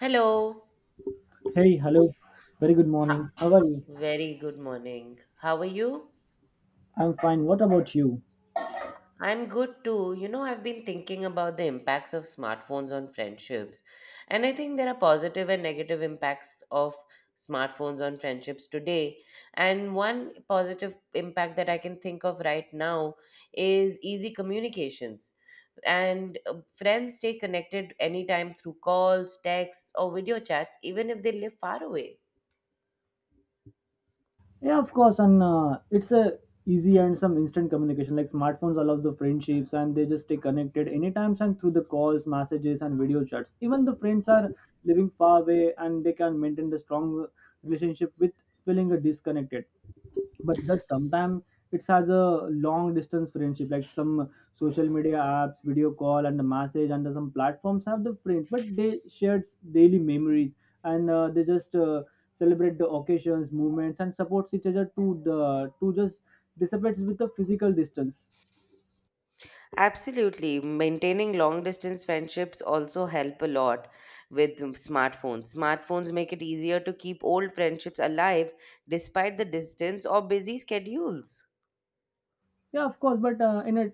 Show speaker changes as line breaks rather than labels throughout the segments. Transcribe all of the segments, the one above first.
Hello.
Hey, hello. Very good morning. How are you?
Very good morning. How are you?
I'm fine. What about you?
I'm good too. You know, I've been thinking about the impacts of smartphones on friendships. And I think there are positive and negative impacts of smartphones on friendships today. And one positive impact that I can think of right now is easy communications. And friends stay connected anytime through calls, texts, or video chats, even if they live far away.
Yeah, of course. And it's a easy and some instant communication. Like smartphones allow the friendships, and they just stay connected anytime and through the calls, messages, and video chats. Even the friends are living far away, and they can maintain the strong relationship with feeling disconnected. But just sometimes it's has a long distance friendship like some social media apps video call and the message and some platforms have the friends but they shared daily memories and they just celebrate the occasions movements and supports each other to just dissipates with the physical distance.
Absolutely. Maintaining long distance friendships also help a lot with smartphones. Smartphones make it easier to keep old friendships alive despite the distance or busy schedules.
Yeah, of course, but in a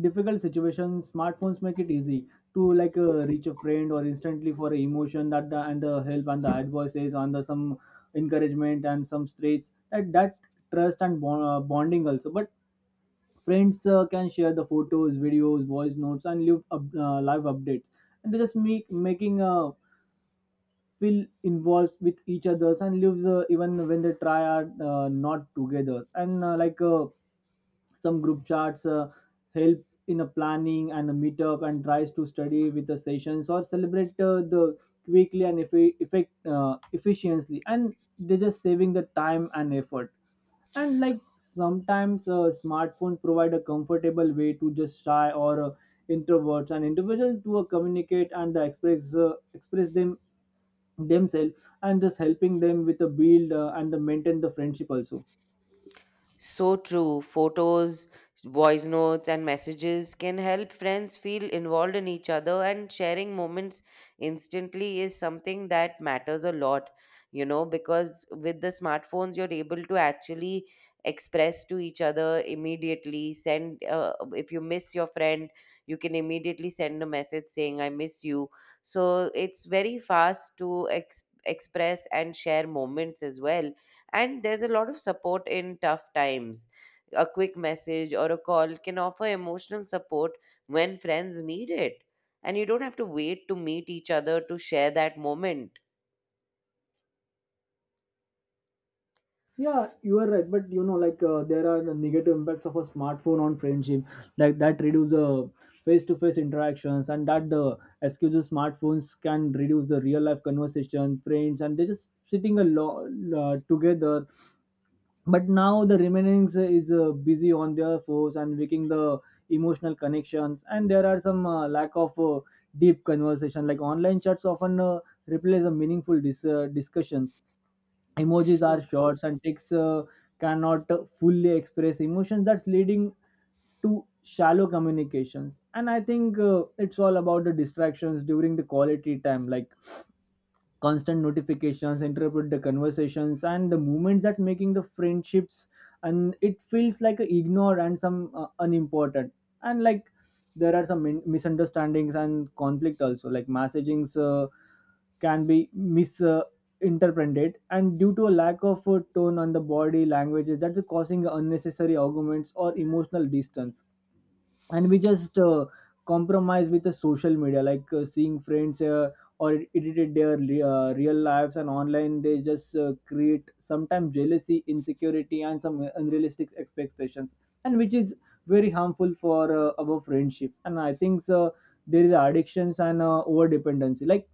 difficult situation, smartphones make it easy to like reach a friend or instantly for a emotion that the, and the help and the advices and the some encouragement and some straits that trust and bond, bonding also. But friends can share the photos, videos, voice notes, and live updates, and they just make making a feel involved with each others and lives even when they try are not together and some group chats help in a planning and a meetup and tries to study with the sessions or celebrate the quickly and effi- effect efficiently and they're just saving the time and effort. And like sometimes smartphones provide a comfortable way to just shy or introverts and individuals to communicate and express themselves and just helping them with the build and the maintain the friendship also.
So true. Photos, voice notes, and messages can help friends feel involved in each other, and sharing moments instantly is something that matters a lot, you know, because with the smartphones, you're able to actually express to each other immediately. Send, if you miss your friend, you can immediately send a message saying, I miss you. So it's very fast to express and share moments as well, and there's a lot of support in tough times. A quick message or a call can offer emotional support when friends need it. And you don't have to wait to meet each other to share that moment.
Yeah, you are right, but you know like there are the negative impacts of a smartphone on friendship, like that reduce the face-to-face interactions and that the excuses. Smartphones can reduce the real life conversation friends and they just sitting a lot together, but now the remaining is busy on their force and making the emotional connections. And there are some lack of deep conversation, like online chats often replace the meaningful discussions. Emojis
So
are
true.
shorts and texts cannot fully express emotions, that's leading to shallow communications. And I think it's all about the distractions during the quality time, like constant notifications interrupt the conversations and the moments that making the friendships, and it feels like a ignore and some unimportant. And like there are some misunderstandings and conflict also, like messagings can be misinterpreted, interpreted, and due to a lack of tone on the body languages, that's causing unnecessary arguments or emotional distance. And we just compromise with the social media, like seeing friends or edited their real lives and online, they just create sometimes jealousy, insecurity, and some unrealistic expectations, and which is very harmful for our friendship. And I think so, there is addictions and over dependency, like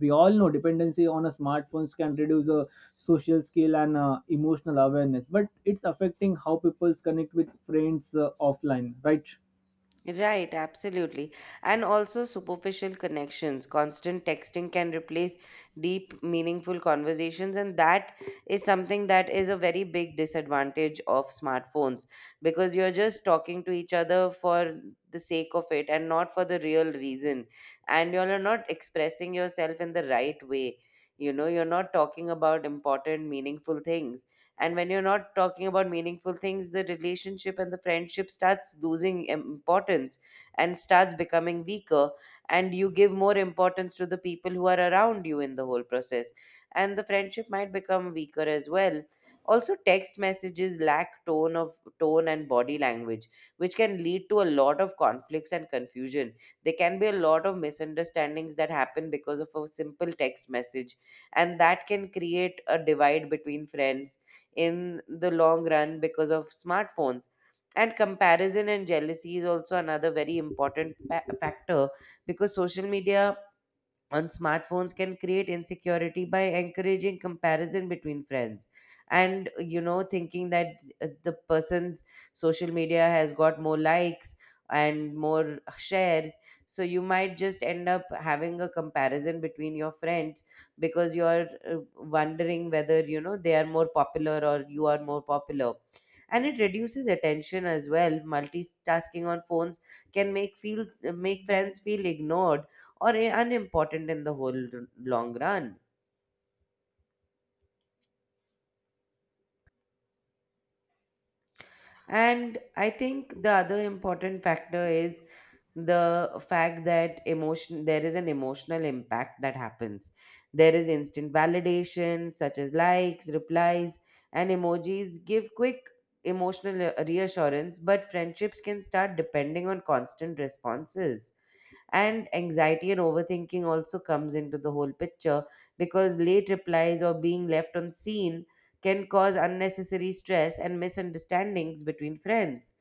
we all know dependency on a smartphones can reduce social skill and emotional awareness, but it's affecting how people connect with friends offline, right?
Right, absolutely. And also superficial connections. Constant texting can replace deep, meaningful conversations. And that is something that is a very big disadvantage of smartphones because you're just talking to each other for the sake of it and not for the real reason. And you're not expressing yourself in the right way. You know, you're not talking about important, meaningful things, and when you're not talking about meaningful things, the relationship and the friendship starts losing importance and starts becoming weaker, and you give more importance to the people who are around you in the whole process, and the friendship might become weaker as well. Also, text messages lack tone of tone and body language, which can lead to a lot of conflicts and confusion. There can be a lot of misunderstandings that happen because of a simple text message, and that can create a divide between friends in the long run because of smartphones. And comparison and jealousy is also another very important factor, because social media on smartphones can create insecurity by encouraging comparison between friends, and you know, thinking that the person's social media has got more likes and more shares, so you might just end up having a comparison between your friends because you're wondering whether you know they are more popular or you are more popular. And it reduces attention as well. Multitasking on phones can make friends feel ignored or unimportant in the whole long run. And I think the other important factor is the fact that emotion there is an emotional impact that happens. There is instant validation such as likes, replies, and emojis give quick emotional reassurance, but friendships can start depending on constant responses, and anxiety and overthinking also comes into the whole picture, because late replies or being left on scene can cause unnecessary stress and misunderstandings between friends.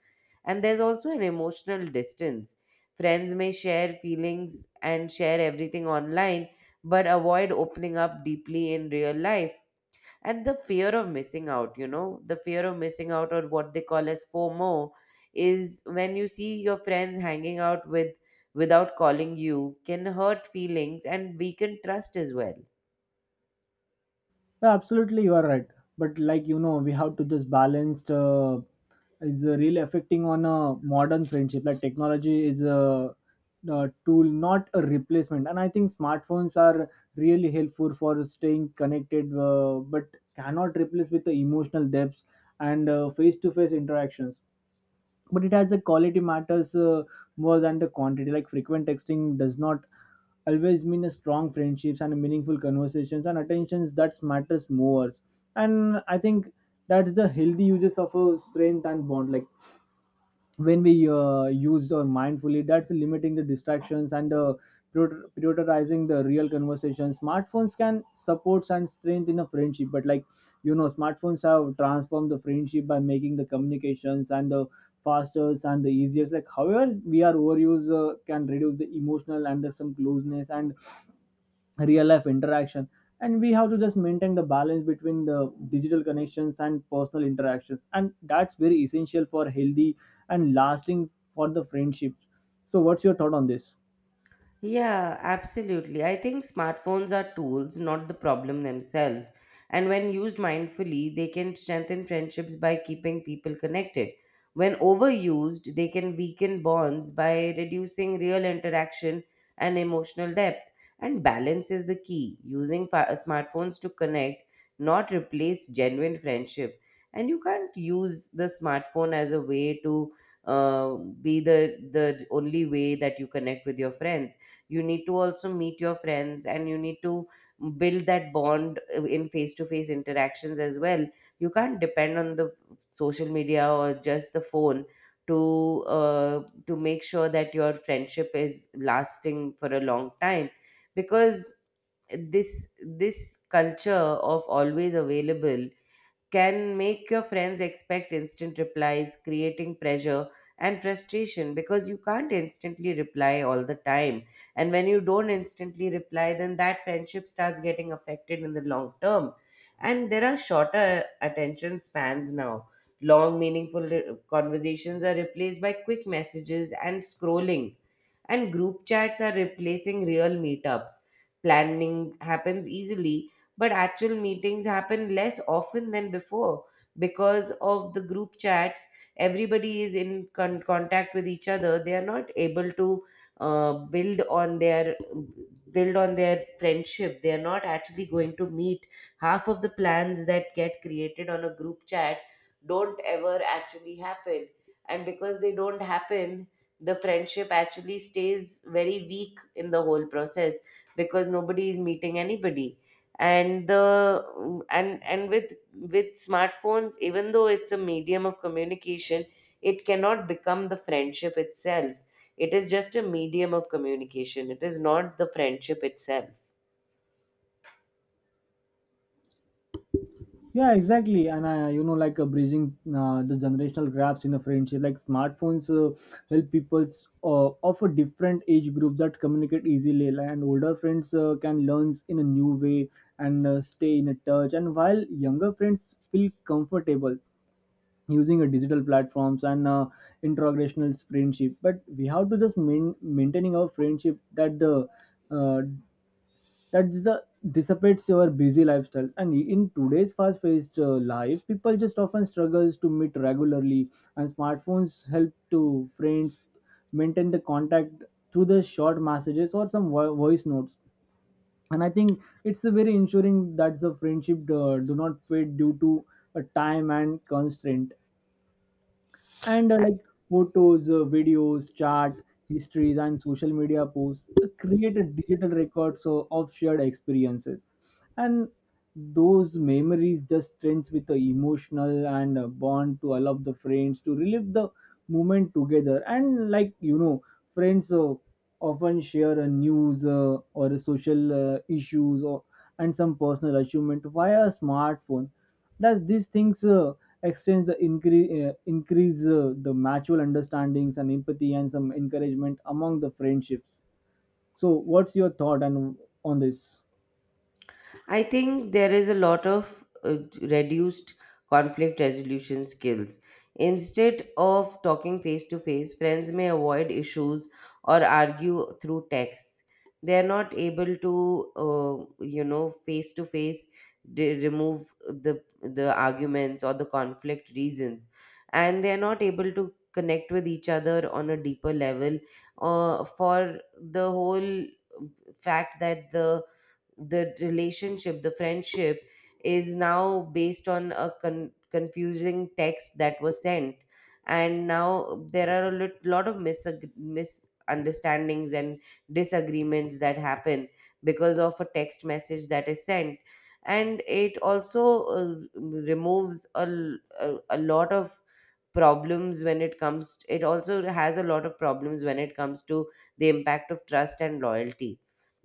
And there's also an emotional distance. Friends may share feelings and share everything online but avoid opening up deeply in real life. And the fear of missing out, you know, the fear of missing out, or what they call as fomo, is when you see your friends hanging out with without calling you, can hurt feelings and weaken trust as well.
Yeah, absolutely, you are right. But like you know, we have to just balance is really affecting on a modern friendship. Like technology is a tool, not a replacement. And I think smartphones are really helpful for staying connected, but cannot replace with the emotional depths and face to face interactions. But it has the quality matters more than the quantity. Like frequent texting does not always mean a strong friendships, and meaningful conversations and attentions that matters more. And I think that's the healthy uses of a strength and bond, like when we used or mindfully, that's limiting the distractions and prioritizing the real conversations, smartphones can support and strength in a friendship. But like you know, smartphones have transformed the friendship by making the communications and the fastest and the easiest. Like however we are overuse can reduce the emotional and the some closeness and real life interaction, and we have to just maintain the balance between the digital connections and personal interactions, and that's very essential for healthy and lasting for the friendships. So what's your thought on this?
Yeah, absolutely. I think smartphones are tools, not the problem themselves. And when used mindfully, they can strengthen friendships by keeping people connected. When overused, they can weaken bonds by reducing real interaction and emotional depth. And balance is the key, using smartphones to connect, not replace genuine friendship. And you can't use the smartphone as a way to be the only way that you connect with your friends. You need to also meet your friends, and you need to build that bond in face to face interactions as well. You can't depend on the social media or just the phone to uh, to make sure that your friendship is lasting for a long time, because this culture of always available can make your friends expect instant replies, creating pressure and frustration because you can't instantly reply all the time. And when you don't instantly reply, then that friendship starts getting affected in the long term. And there are shorter attention spans now. Long, meaningful conversations are replaced by quick messages and scrolling. And group chats are replacing real meetups. Planning happens easily, but actual meetings happen less often than before because of the group chats. Everybody is in contact with each other. They are not able to uh, build on their build on their friendship. They are not actually going to meet. Half of the plans that get created on a group chat don't ever actually happen, and because they don't happen, the friendship actually stays very weak in the whole process, because nobody is meeting anybody. And the mm, and with smartphones, even though it's a medium of communication, it cannot become the friendship itself. It is just a medium of communication, it is not the friendship itself.
Yeah, exactly. And you know, like bridging the generational gaps in a friendship, like smartphones help people of a different age group that communicate easily, and older friends can learn in a new way and stay in a touch, and while younger friends feel comfortable using a digital platforms and intergenerational friendship. But we have to just maintaining our friendship that the uh, that's the dissipates your busy lifestyle. And in today's fast-paced life, people just often struggles to meet regularly, and smartphones help to friends maintain the contact through the short messages or some voice notes. And I think it's a very ensuring that the friendship do not fade due to a time and constraint. And like photos videos chart histories and social media posts create a digital record so of shared experiences, and those memories just strengths with the emotional and bond to allow the friends to relive the moment together. And like you know, friends often share a news or a social issues or and some personal achievement via a smartphone. Does these things extend the increase the mutual understandings and empathy and some encouragement among the friendships? So, what's your thought and on this?
I think there is a lot of reduced conflict resolution skills. Instead of talking face to face, friends may avoid issues or argue through texts. They are not able to, you know, face to face remove the arguments or the conflict reasons, and they are not able to connect with each other on a deeper level. For the whole fact that the relationship, the friendship is now based on a confusing text that was sent. And now there are a lot of misunderstandings and disagreements that happen because of a text message that is sent. And it also removes a, l- a lot of problems when it comes, it also has a lot of problems when it comes to the impact of trust and loyalty,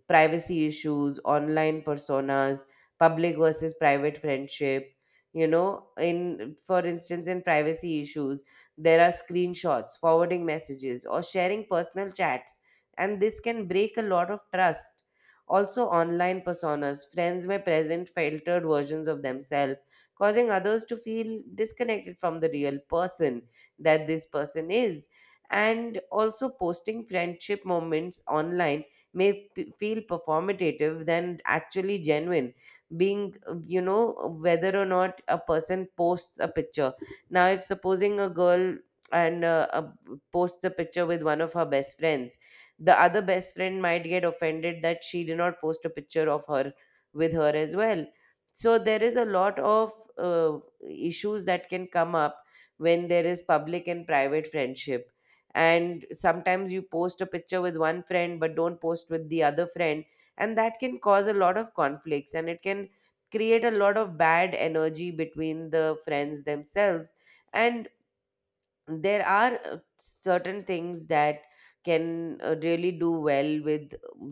privacy issues, online personas, public versus private friendship. You know, in for instance, in privacy issues, there are screenshots, forwarding messages, or sharing personal chats, and this can break a lot of trust. Also, online personas, friends may present filtered versions of themselves, causing others to feel disconnected from the real person that this person is. And also, posting friendship moments online may feel performative than actually genuine being, you know, whether or not a person posts a picture. Now, if supposing a girl, and posts a picture with one of her best friends, the other best friend might get offended that she did not post a picture of her with her as well. So there is a lot of uh, issues that can come up when there is public and private friendship, and sometimes you post a picture with one friend but don't post with the other friend, and that can cause a lot of conflicts, and it can create a lot of bad energy between the friends themselves. And there are certain things that can really do well with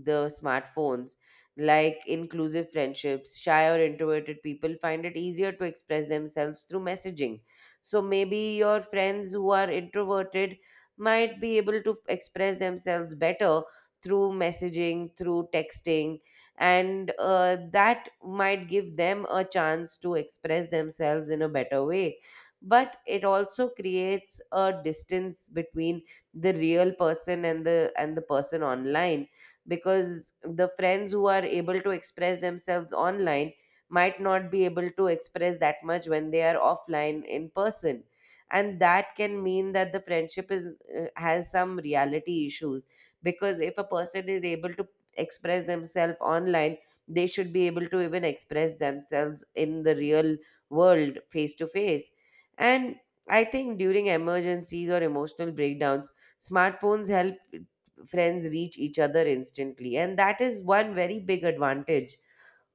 the smartphones, like inclusive friendships. Shy or introverted people find it easier to express themselves through messaging, so maybe your friends who are introverted might be able to express themselves better through messaging, through texting. And that might give them a chance to express themselves in a better way. But it also creates a distance between the real person and the person online, because the friends who are able to express themselves online might not be able to express that much when they are offline in person, and that can mean that the friendship is, has some reality issues, because if a person is able to express themselves online, they should be able to even express themselves in the real world face to face. And I think during emergencies or emotional breakdowns, smartphones help friends reach each other instantly. And that is one very big advantage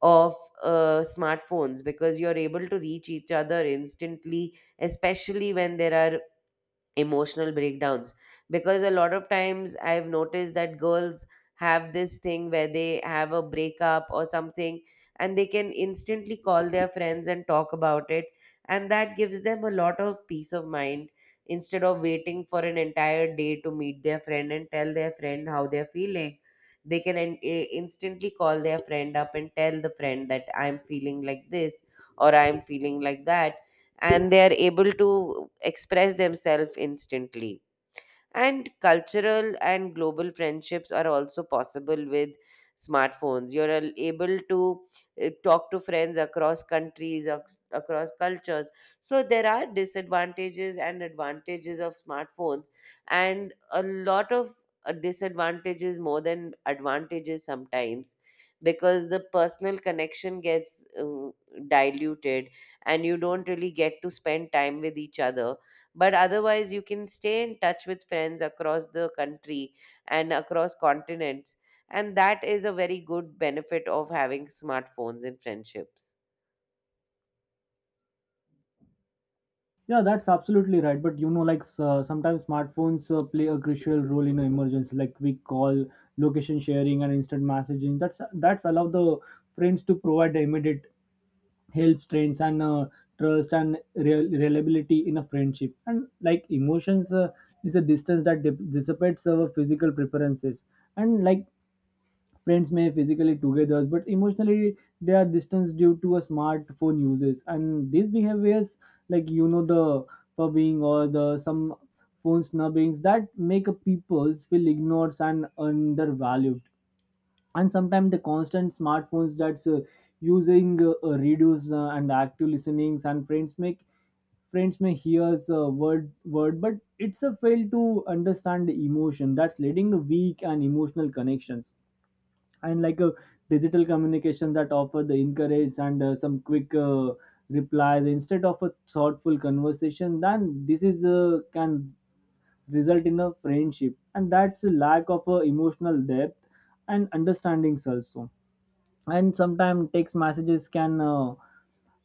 of smartphones, because you're able to reach each other instantly, especially when there are emotional breakdowns, because a lot of times I've noticed that girls have this thing where they have a breakup or something, and they can instantly call their friends and talk about it, and that gives them a lot of peace of mind instead of waiting for an entire day to meet their friend and tell their friend how they're feeling. They can instantly call their friend up and tell the friend that I'm feeling like this or I'm feeling like that, and they are able to express themselves instantly. And cultural and global friendships are also possible with smartphones. You're able to talk to friends across countries, across cultures. So there are disadvantages and advantages of smartphones, and a lot of disadvantages more than advantages sometimes because the personal connection gets diluted and you don't really get to spend time with each other. But otherwise, you can stay in touch with friends across the country and across continents. And that is a very good benefit of having smartphones in friendships.
Yeah, that's absolutely right. But you know, like sometimes smartphones play a crucial role in emergency, like we call location sharing and instant messaging. That's allow the friends to provide the immediate help strengths and trust and real reliability in a friendship. And like emotions is a distance that dissipates our physical preferences. And like friends may physically together but emotionally they are distanced due to a smartphone uses and these behaviors, like you know the pubbing or the some phone snubbings that make a people feel ignored and undervalued. And sometimes the constant smartphones that's using reduce and active listenings, and friends make friends may hear a word but it's a fail to understand the emotion, that's leading a weak and emotional connections. And like a digital communication that offer the encourage and some quick replies instead of a thoughtful conversation, then this is can result in a friendship and that's a lack of emotional depth and understandings also. And sometimes text messages can uh,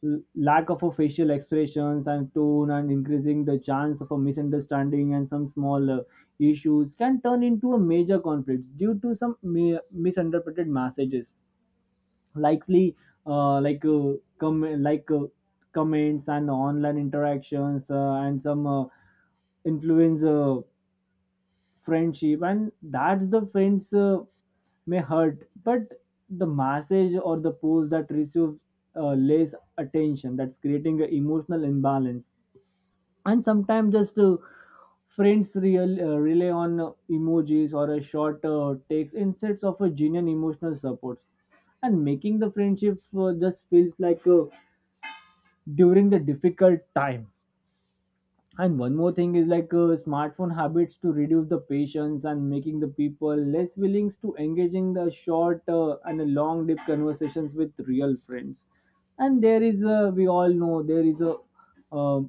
l- lack of a facial expressions and tone and increasing the chance of a misunderstanding, and some small issues can turn into a major conflicts due to some misinterpreted messages likely. Uh, like uh, com- like uh, comments and online interactions and some influence friendship, and that's the friends may hurt but the message or the post that receives less attention, that's creating an emotional imbalance. And sometimes just friends rely on emojis or a short text instead of a genuine emotional support, and making the friendship just feels like during the difficult time. And one more thing is like smartphone habits to reduce the patience and making the people less willing to engaging the short and the long deep conversations with real friends. And there is a, we all know there is a uh,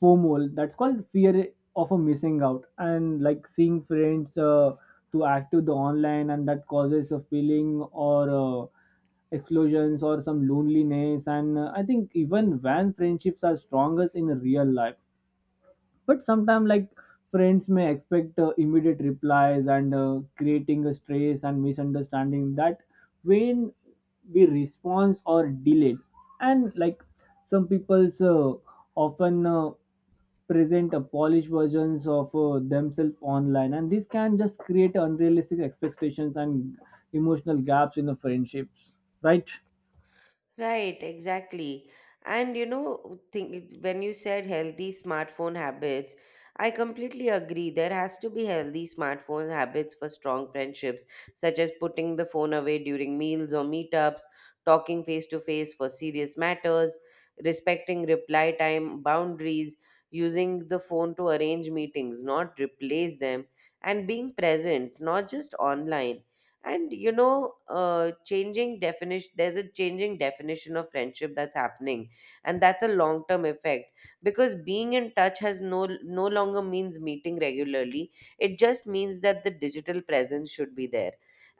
FOMO, that's called fear of a missing out. And like seeing friends to active the online, and that causes a feeling or explosions or some loneliness. And I think even when friendships are strongest in real life, but sometimes like friends may expect immediate replies and creating a stress and misunderstanding that when we response or delayed. And like some people's often present a polished versions of themselves online, and this can just create unrealistic expectations and emotional gaps in the friendships, right?
Right, exactly. And you know, think, when you said healthy smartphone habits, I completely agree. There has to be healthy smartphone habits for strong friendships, such as putting the phone away during meals or meetups, talking face to face for serious matters, respecting reply time boundaries, using the phone to arrange meetings, not replace them, and being present, not just online. And you know, changing definition, there's a changing definition of friendship that's happening, and that's a long term effect because being in touch has no longer means meeting regularly. It just means that the digital presence should be there.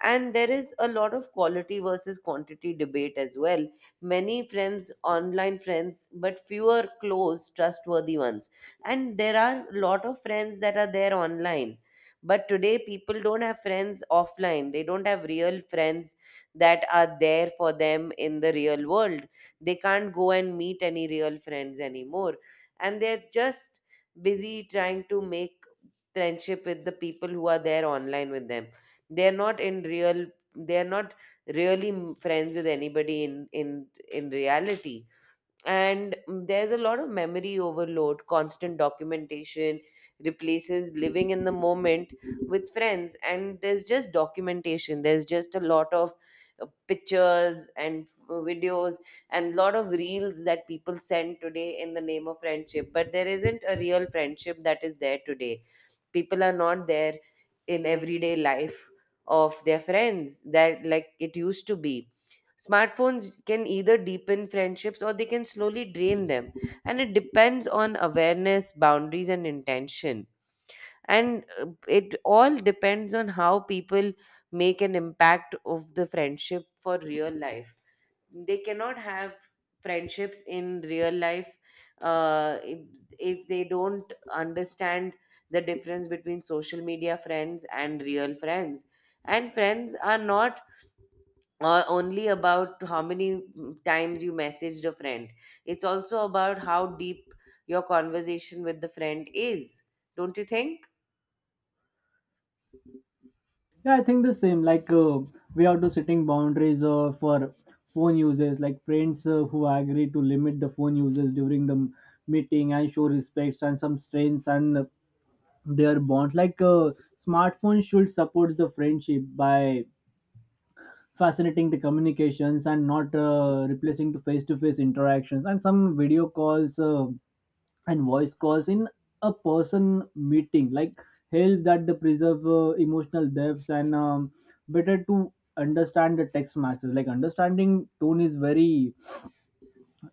And there is a lot of quality versus quantity debate as well. Many friends, online friends, but fewer close, trustworthy ones. And there are a lot of friends that are there online, but today, people don't have friends offline. They don't have real friends that are there for them in the real world. They can't go and meet any real friends anymore. And they're just busy trying to make friendship with the people who are there online with them. They're not in real, they're not friends with anybody in reality. And there's a lot of memory overload. Constant documentation replaces living in the moment with friends, and there's just documentation. There's just a lot of pictures and videos and lot of reels that people send today in the name of friendship, but there isn't a real friendship that is there today. People are not there in everyday life of their friends that like it used to be. Smartphones can either deepen friendships or they can slowly drain them. And it depends on awareness, boundaries, and intention. And it all depends on how people make an impact of the friendship for real life. They cannot have friendships in real life uh, if, if they don't understand the difference between social media friends and real friends. And friends are not or only about how many times you messaged a friend. It's also about how deep your conversation with the friend is, don't you think?
Yeah, I think the same. Like we have to setting boundaries for phone users, like friends who agree to limit the phone users during the meeting and show respects and some strengths and their bonds. Like smartphones should support the friendship by facilitating the communications and not replacing the face-to-face interactions and some video calls. And voice calls in a person meeting like help that the preserve emotional depths and better to understand the text message, like understanding tone is very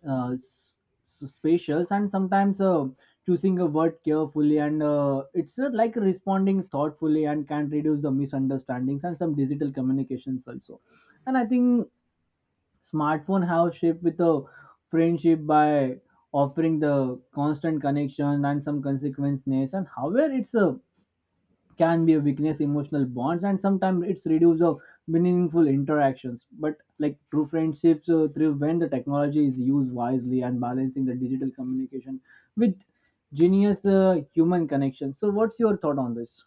uh, s- spatial. And sometimes choosing a word carefully and it's like responding thoughtfully and can reduce the misunderstandings and some digital communications also. And I think smartphone have shaped with the friendship by offering the constant connection and some consequences. And however it's a can be a weakness emotional bonds, and sometimes it's reduce of meaningful interactions. But like true friendships thrive when the technology is used wisely and balancing the digital communication with genius human connection. So what's your thought on this?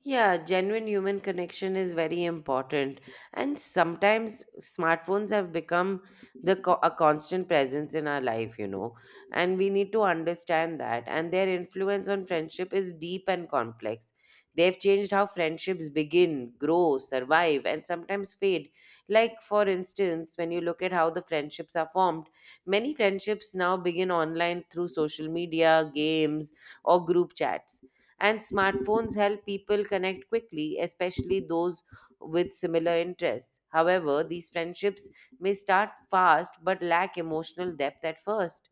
Yeah, genuine human connection is very important. And sometimes smartphones have become a constant presence in our life, you know. And we need to understand that. And their influence on friendship is deep and complex. They've changed how friendships begin, grow, survive, and sometimes fade. Like, for instance, when you look at how the friendships are formed, many friendships now begin online through social media, games, or group chats, and smartphones help people connect quickly, especially those with similar interests. However, these friendships may start fast but lack emotional depth at first.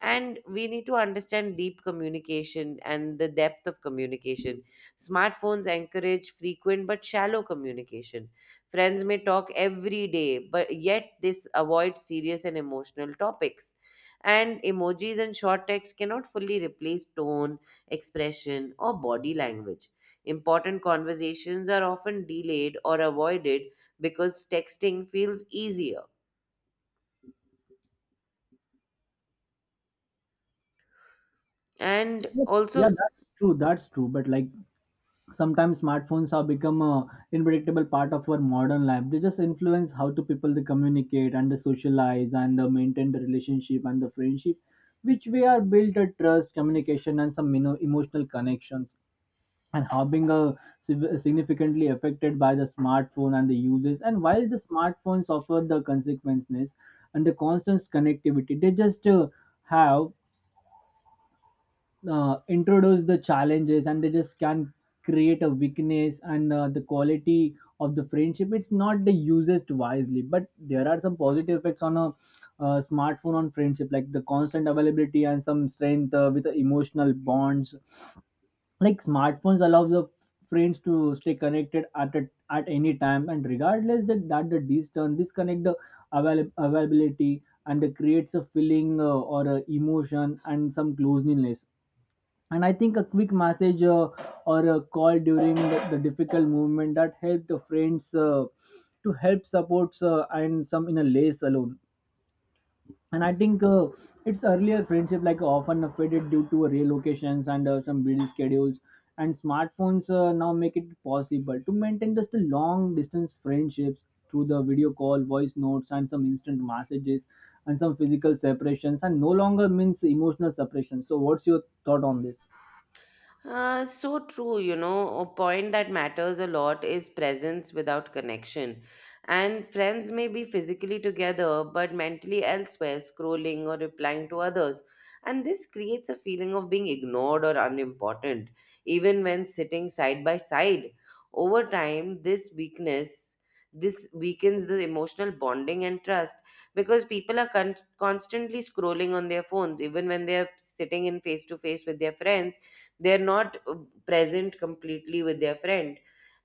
And we need to understand deep communication and the depth of communication. Smartphones encourage frequent but shallow communication. Friends may talk every day, but yet this avoid serious and emotional topics. And emojis and short text cannot fully replace tone, expression, or body language. Important conversations are often delayed or avoided because texting feels easier. And
Yeah,
also
that's true, that's true, but like sometimes smartphones have become a unpredictable part of our modern life. They just influence how to people they communicate and they socialize and they maintain the relationship and the friendship, which we are built a trust communication and some, you know, emotional connections. And how being a significantly affected by the smartphone and the uses. And while the smartphones offer the consequences and the constant connectivity, they just have introduce the challenges and they just can create a weakness and the quality of the friendship it's not the used wisely. But there are some positive effects on a smartphone on friendship, like the constant availability and some strength with the emotional bonds. Like smartphones allow the friends to stay connected at any time, and regardless that the distance disconnect the availability, and it creates a feeling or a emotion and some closeness. And I think a quick message or a call during the difficult movement that helped the friends to help supports and some in a lace alone. And I think it's earlier friendship like often faded due to relocations and some busy schedules, and smartphones now make it possible to maintain just the long distance friendships through the video call voice notes and some instant messages, and some physical separations and no longer means emotional separation. So what's your thought on this?
so true, you know, a point that matters a lot is presence without connection. And friends may be physically together but mentally elsewhere, scrolling or replying to others. And this creates a feeling of being ignored or unimportant, even when sitting side by side. Over time, this weakens the emotional bonding and trust because people are constantly scrolling on their phones even when they are sitting in face to face with their friends. They're not present completely with their friend,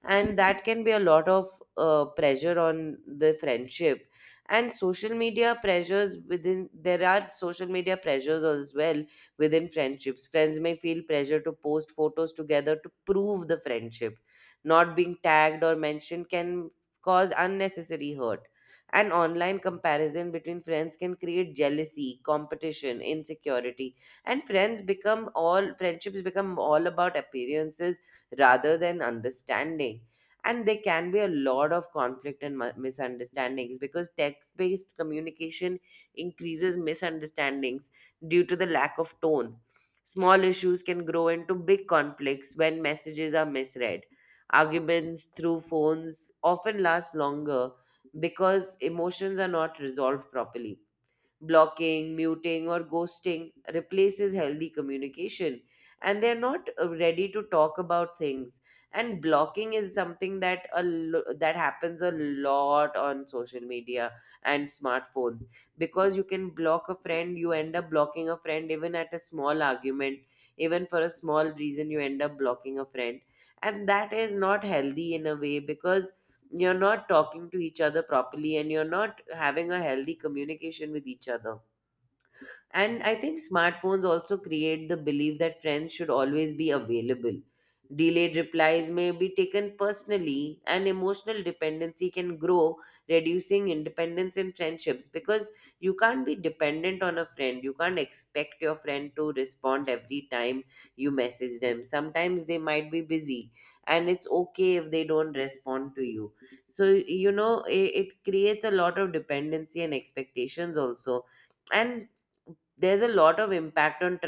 and that can be a lot of pressure on the friendship. And social media pressures, within there are social media pressures as well within friendships. Friends may feel pressure to post photos together to prove the friendship. Not being tagged or mentioned can cause unnecessary hurt. And online comparison between friends can create jealousy, competition, insecurity. And friends become all, friendships become all about appearances rather than understanding. And there can be a lot of conflict and misunderstandings because text based communication increases misunderstandings due to the lack of tone. Small issues can grow into big conflicts when messages are misread. Arguments through phones often last longer because emotions are not resolved properly. Blocking, muting, or ghosting replaces healthy communication. And they're not ready to talk about things. And blocking is something that that happens a lot on social media and smartphones, because you can block a friend. You end up blocking a friend even at a small argument, even for a small reason. You end up blocking a friend, and that is not healthy in a way because you're not talking to each other properly and you're not having a healthy communication with each other. And I think smartphones also create the belief that friends should always be available. Delayed replies may be taken personally, and emotional dependency can grow, reducing independence in friendships, because you can't be dependent on a friend. You can't expect your friend to respond every time you message them. Sometimes they might be busy, and it's okay if they don't respond to you. So, you know, it creates a lot of dependency and expectations also. And there's a lot of impact on